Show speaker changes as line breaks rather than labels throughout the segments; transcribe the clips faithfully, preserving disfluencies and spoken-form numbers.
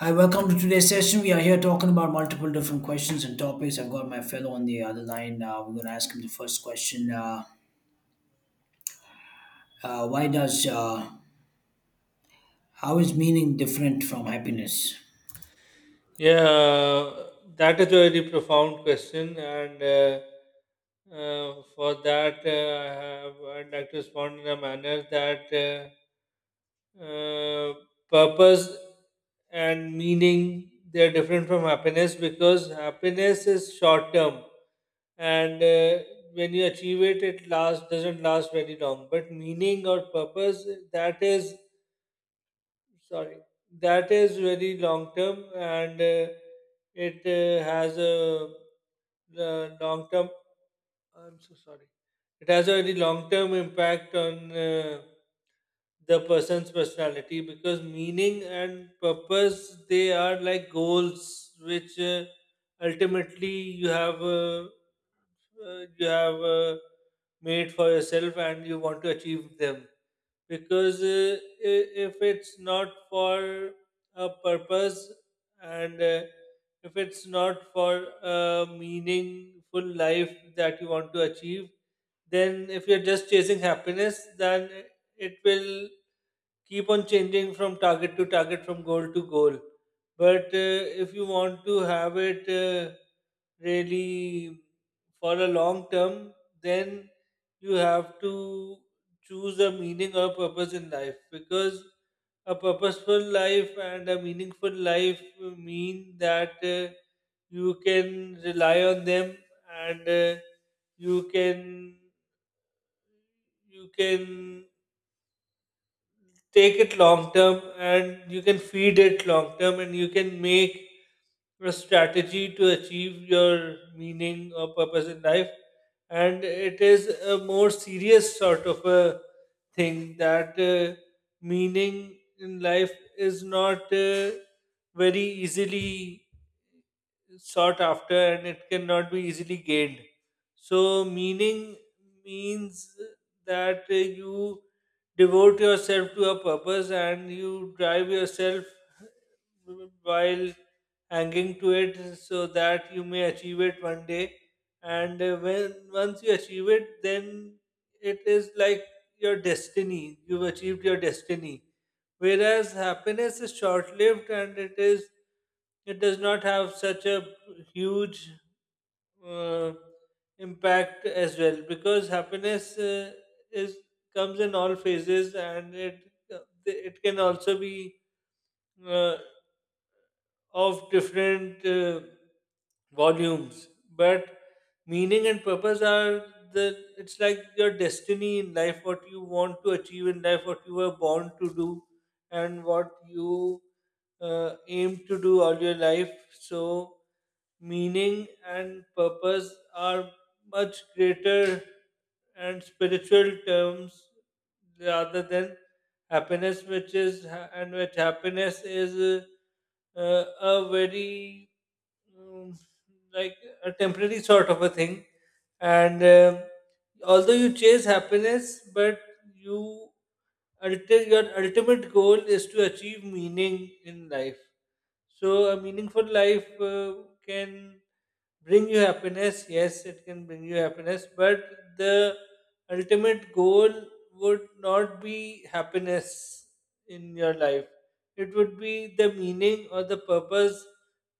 Hi, welcome to today's session. We are here talking about multiple different questions and topics. I've got my fellow on the other line. Uh, we're going to ask him the first question. Uh, uh, why does, uh, how is meaning different from happiness?
Yeah, that is a very profound question, and uh, uh, for that, uh, I have I'd like to respond in a manner that uh, uh, purpose and meaning they are different from happiness because happiness is short term, and uh, when you achieve it, it lasts doesn't last very long. But meaning or purpose that is sorry that is very long term and uh, it uh, has a uh, long term I'm so sorry it has a very long term impact on uh, the person's personality because meaning and purpose they are like goals which uh, ultimately you have uh, uh, you have uh, made for yourself and you want to achieve them because uh, i- if it's not for a purpose and uh, if it's not for a meaningful life that you want to achieve then if you're just chasing happiness then it will keep on changing from target to target, from goal to goal. But uh, if you want to have it uh, really for a long term, then you have to choose a meaning or purpose in life because a purposeful life and a meaningful life mean that uh, you can rely on them and uh, you can you can take it long term and you can feed it long term and you can make a strategy to achieve your meaning or purpose in life and it is a more serious sort of a thing that uh, meaning in life is not uh, very easily sought after and it cannot be easily gained. So, meaning means that uh, you devote yourself to a purpose and you drive yourself while hanging to it so that you may achieve it one day. And uh, when once you achieve it, then it is like your destiny. You've achieved your destiny whereas happiness is short-lived and it is it does not have such a huge uh, impact as well because happiness uh, is comes in all phases and it it can also be uh, of different uh, volumes but meaning and purpose are the it's like your destiny in life, what you want to achieve in life, what you were born to do and what you uh, aim to do all your life. So meaning and purpose are much greater and spiritual terms rather than happiness, which is ha- and which happiness is uh, uh, a very um, like a temporary sort of a thing. And um although you chase happiness, but you ulti- your ultimate goal is to achieve meaning in life. So, a meaningful life uh, can bring you happiness. Yes, it can bring you happiness, but the ultimate goal would not be happiness in your life. It would be the meaning or the purpose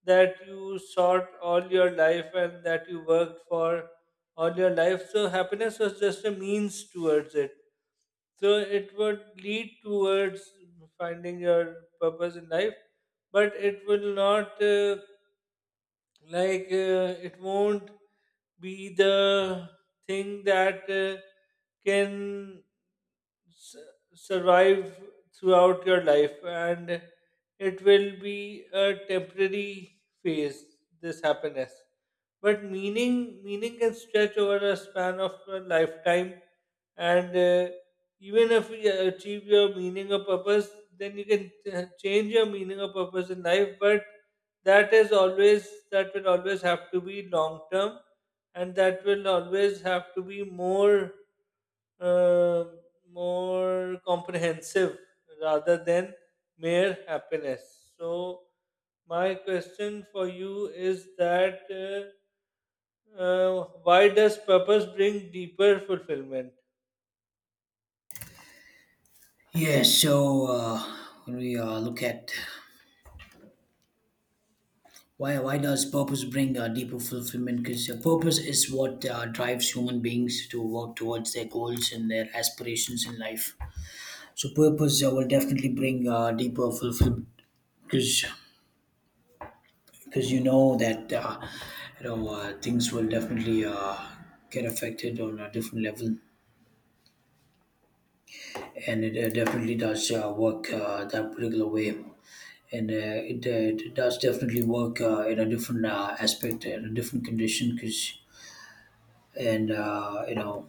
that you sought all your life and that you worked for all your life. So, happiness was just a means towards it. So it would lead towards finding your purpose in life, but it will not uh, like uh, it won't be the thing that uh, can s- survive throughout your life, and it will be a temporary phase. This happiness, but meaning meaning can stretch over a span of a lifetime and uh, even if you achieve your meaning or purpose then you can uh, change your meaning or purpose in life, but that is always that will always have to be long term and that will always have to be more uh, more comprehensive rather than mere happiness. So, my question for you is that uh, uh, why does purpose bring deeper fulfillment?
Yeah, so uh, when we uh, look at why, why does purpose bring uh, deeper fulfillment? Because uh, purpose is what uh, drives human beings to work towards their goals and their aspirations in life. So purpose uh, will definitely bring uh, deeper fulfillment because because you know that uh, you know uh, things will definitely uh, get affected on a different level and it uh, definitely does uh, work uh, that particular way and uh, it, uh, it does definitely work uh, in a different uh, aspect in a different condition because and uh, you know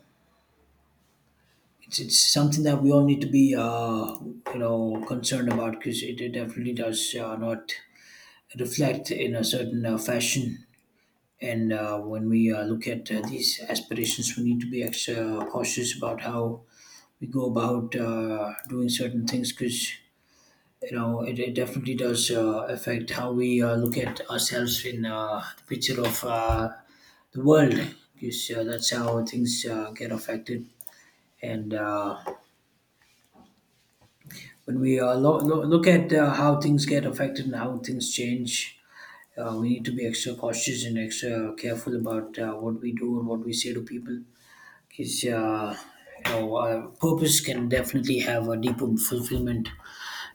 it's, it's something that we all need to be uh, you know concerned about because it, it definitely does uh, not reflect in a certain uh, fashion. And uh, when we uh, look at uh, these aspirations, we need to be extra cautious about how we go about uh, doing certain things because you know it, it definitely does uh, affect how we uh, look at ourselves in uh, the picture of uh, the world because uh, that's how things uh, get affected. And uh, when we uh, lo- lo- look at uh, how things get affected and how things change, uh, we need to be extra cautious and extra careful about uh, what we do and what we say to people. Cause, uh, you know, uh, purpose can definitely have a deeper fulfillment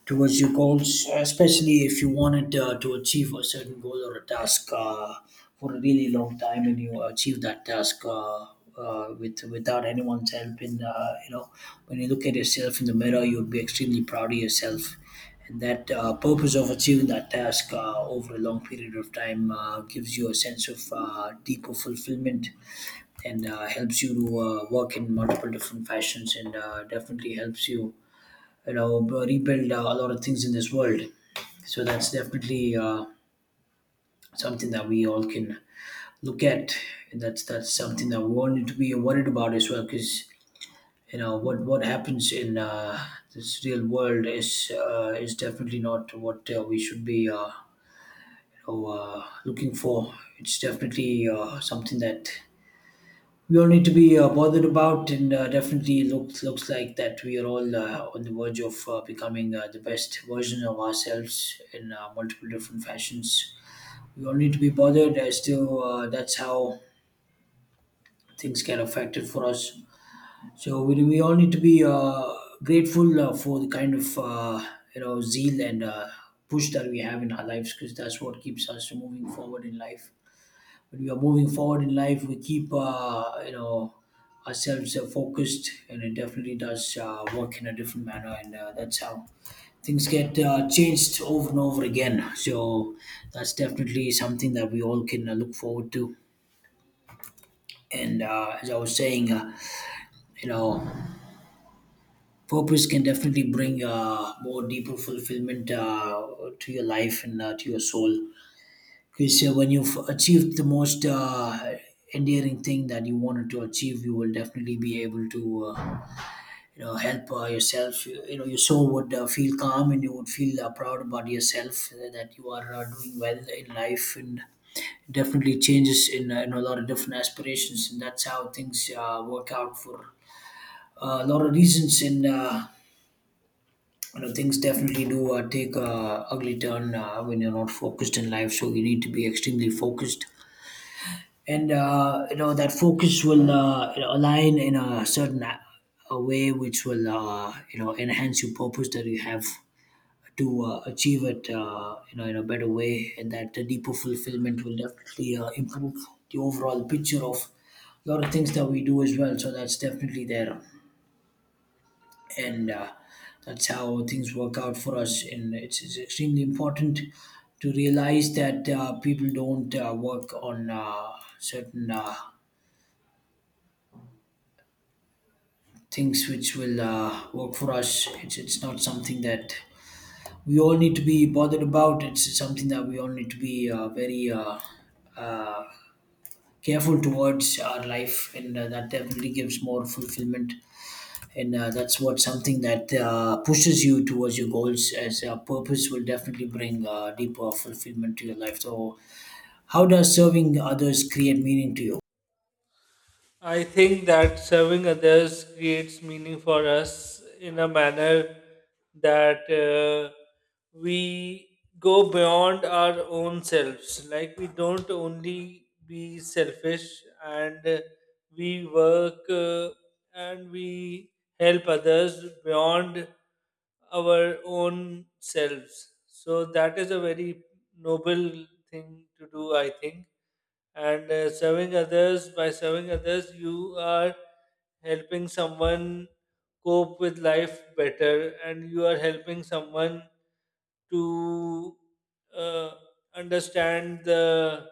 towards your goals, especially if you wanted uh, to achieve a certain goal or a task uh, for a really long time, and you achieve that task uh, uh, with without anyone's help. And uh, you know, when you look at yourself in the mirror, you would be extremely proud of yourself. And that uh, purpose of achieving that task uh, over a long period of time uh, gives you a sense of uh, deeper fulfillment and uh, helps you to uh, work in multiple different fashions and uh, definitely helps you you know b- rebuild uh, a lot of things in this world. So that's definitely uh, something that we all can look at, and that's that's something that we all need to be worried about as well because you know what what happens in uh, this real world is uh, is definitely not what uh, we should be uh, you know, uh, looking for. It's definitely uh, something that we all need to be uh, bothered about, and uh, definitely looks looks like that we are all uh, on the verge of uh, becoming uh, the best version of ourselves in uh, multiple different fashions. We all need to be bothered as to uh, that's how things get affected for us. So we, we all need to be uh, grateful uh, for the kind of uh, you know zeal and uh, push that we have in our lives because that's what keeps us moving forward in life. When we are moving forward in life, we keep uh, you know ourselves uh, focused, and it definitely does uh, work in a different manner. And uh, that's how things get uh, changed over and over again. So that's definitely something that we all can uh, look forward to. And uh, as I was saying, uh, you know, purpose can definitely bring uh, more deeper fulfillment uh, to your life and uh, to your soul. Okay, so when you've achieved the most uh, endearing thing that you wanted to achieve, you will definitely be able to, uh, you know, help uh, yourself. You, you know, your soul would uh, feel calm and you would feel uh, proud about yourself uh, that you are uh, doing well in life, and it definitely changes in, uh, in a lot of different aspirations, and that's how things uh, work out for uh, a lot of reasons. And uh, you know, things definitely do uh, take a ugly turn uh, when you're not focused in life. So you need to be extremely focused, and uh, you know that focus will uh, you know, align in a certain a a way which will uh, you know enhance your purpose that you have to uh, achieve it uh, you know in a better way, and that the deeper fulfillment will definitely uh, improve the overall picture of a lot of things that we do as well. So that's definitely there, and uh, that's how things work out for us, and it's, it's extremely important to realize that uh, people don't uh, work on uh, certain uh, things which will uh, work for us. It's it's not something that we all need to be bothered about. It's something that we all need to be uh, very uh, uh, careful towards our life, and uh, that definitely gives more fulfillment. And uh, that's what something that uh, pushes you towards your goals. As a purpose will definitely bring uh, deeper fulfillment to your life. So, how does serving others create meaning to you?
I think that serving others creates meaning for us in a manner that uh, we go beyond our own selves. Like we don't only be selfish and uh, we work uh, and we help others beyond our own selves. So that is a very noble thing to do, I think, and uh, serving others by serving others you are helping someone cope with life better and you are helping someone to uh, understand the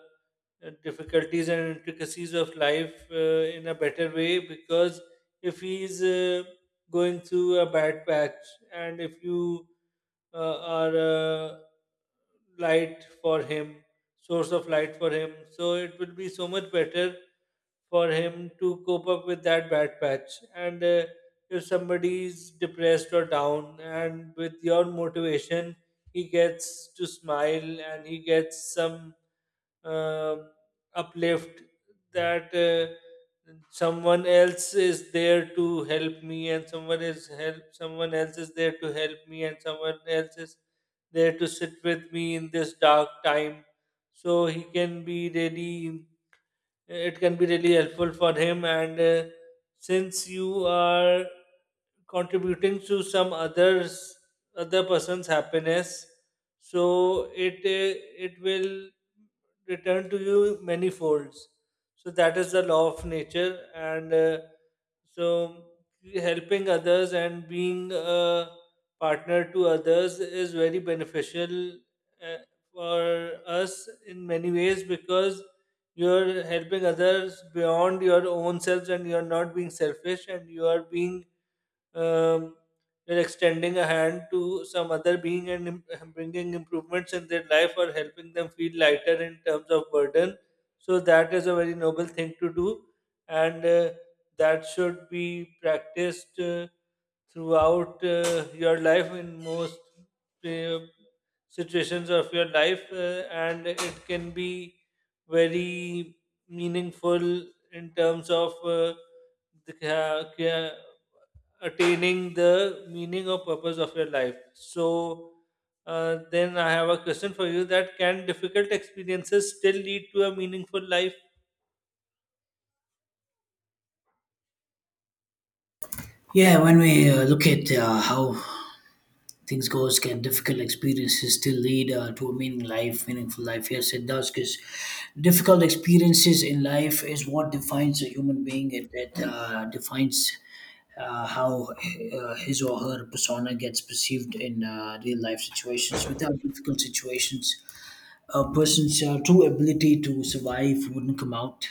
uh, difficulties and intricacies of life uh, in a better way because if he's uh, going through a bad patch, and if you uh, are a light for him source of light for him. So it would be so much better for him to cope up with that bad patch. And uh, if somebody's depressed or down, and with your motivation, he gets to smile and he gets some um, uplift that uh, someone else is there to help me, and someone is help someone else is there to help me and someone else is there to sit with me in this dark time, so he can be really it can be really helpful for him. And uh, since you are contributing to some others other person's happiness, so it uh, it will return to you many folds, so that is the law of nature. And uh, so helping others and being a partner to others is very beneficial uh, for us in many ways because you're helping others beyond your own selves and you're not being selfish and you are being um, you're extending a hand to some other being and im- bringing improvements in their life or helping them feel lighter in terms of burden. So that is a very noble thing to do, and uh, that should be practiced uh, throughout uh, your life in most uh, situations of your life, uh, and it can be very meaningful in terms of. Uh, the ca- ca- attaining the meaning or purpose of your life. So, uh, then I have a question for you, that can difficult experiences still lead to a meaningful life?
Yeah, when we uh, look at uh, how things goes, can difficult experiences still lead uh, to a meaning life meaningful life? Yes it does, because difficult experiences in life is what defines a human being. It, it uh, defines uh, how uh, his or her persona gets perceived in uh, real life situations. Without difficult situations, a person's uh, true ability to survive wouldn't come out,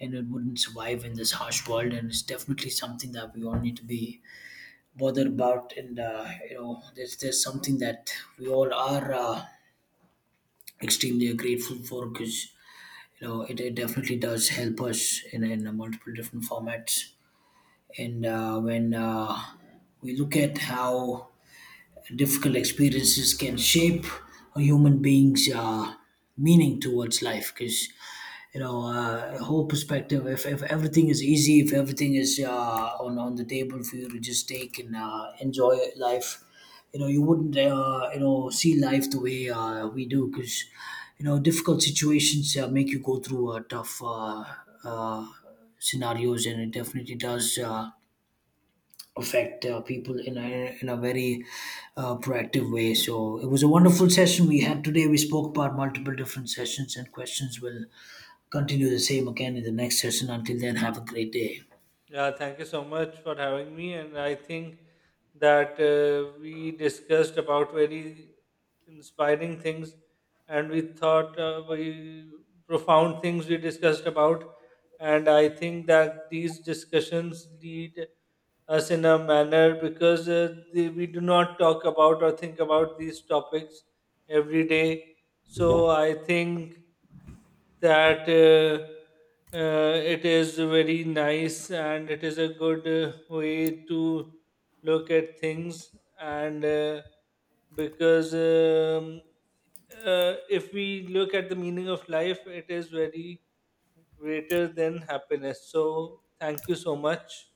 and it wouldn't survive in this harsh world, and it's definitely something that we all need to be bother about. And uh, you know there's there's something that we all are uh, extremely grateful for, because you know it, it definitely does help us in, in multiple different formats. And uh, when uh, we look at how difficult experiences can shape a human being's uh, meaning towards life, because you know uh, whole perspective, if, if everything is easy, if everything is uh, on, on the table for you to just take and uh, enjoy life, you know you wouldn't uh, you know see life the way uh, we do, because you know difficult situations uh, make you go through uh, tough uh, uh, scenarios, and it definitely does uh, affect uh, people in a, in a very uh, proactive way. So it was a wonderful session we had today. We spoke about multiple different sessions and questions. We'll continue the same again in the next session. Until then, have a great day.
Yeah, thank you so much for having me. And I think that uh, we discussed about very inspiring things and we thought uh, we profound things we discussed about. And I think that these discussions lead us in a manner because uh, the, we do not talk about or think about these topics every day. So I think that uh, uh, it is very nice and it is a good uh, way to look at things, and uh, because um, uh, if we look at the meaning of life, it is very greater than happiness. So thank you so much.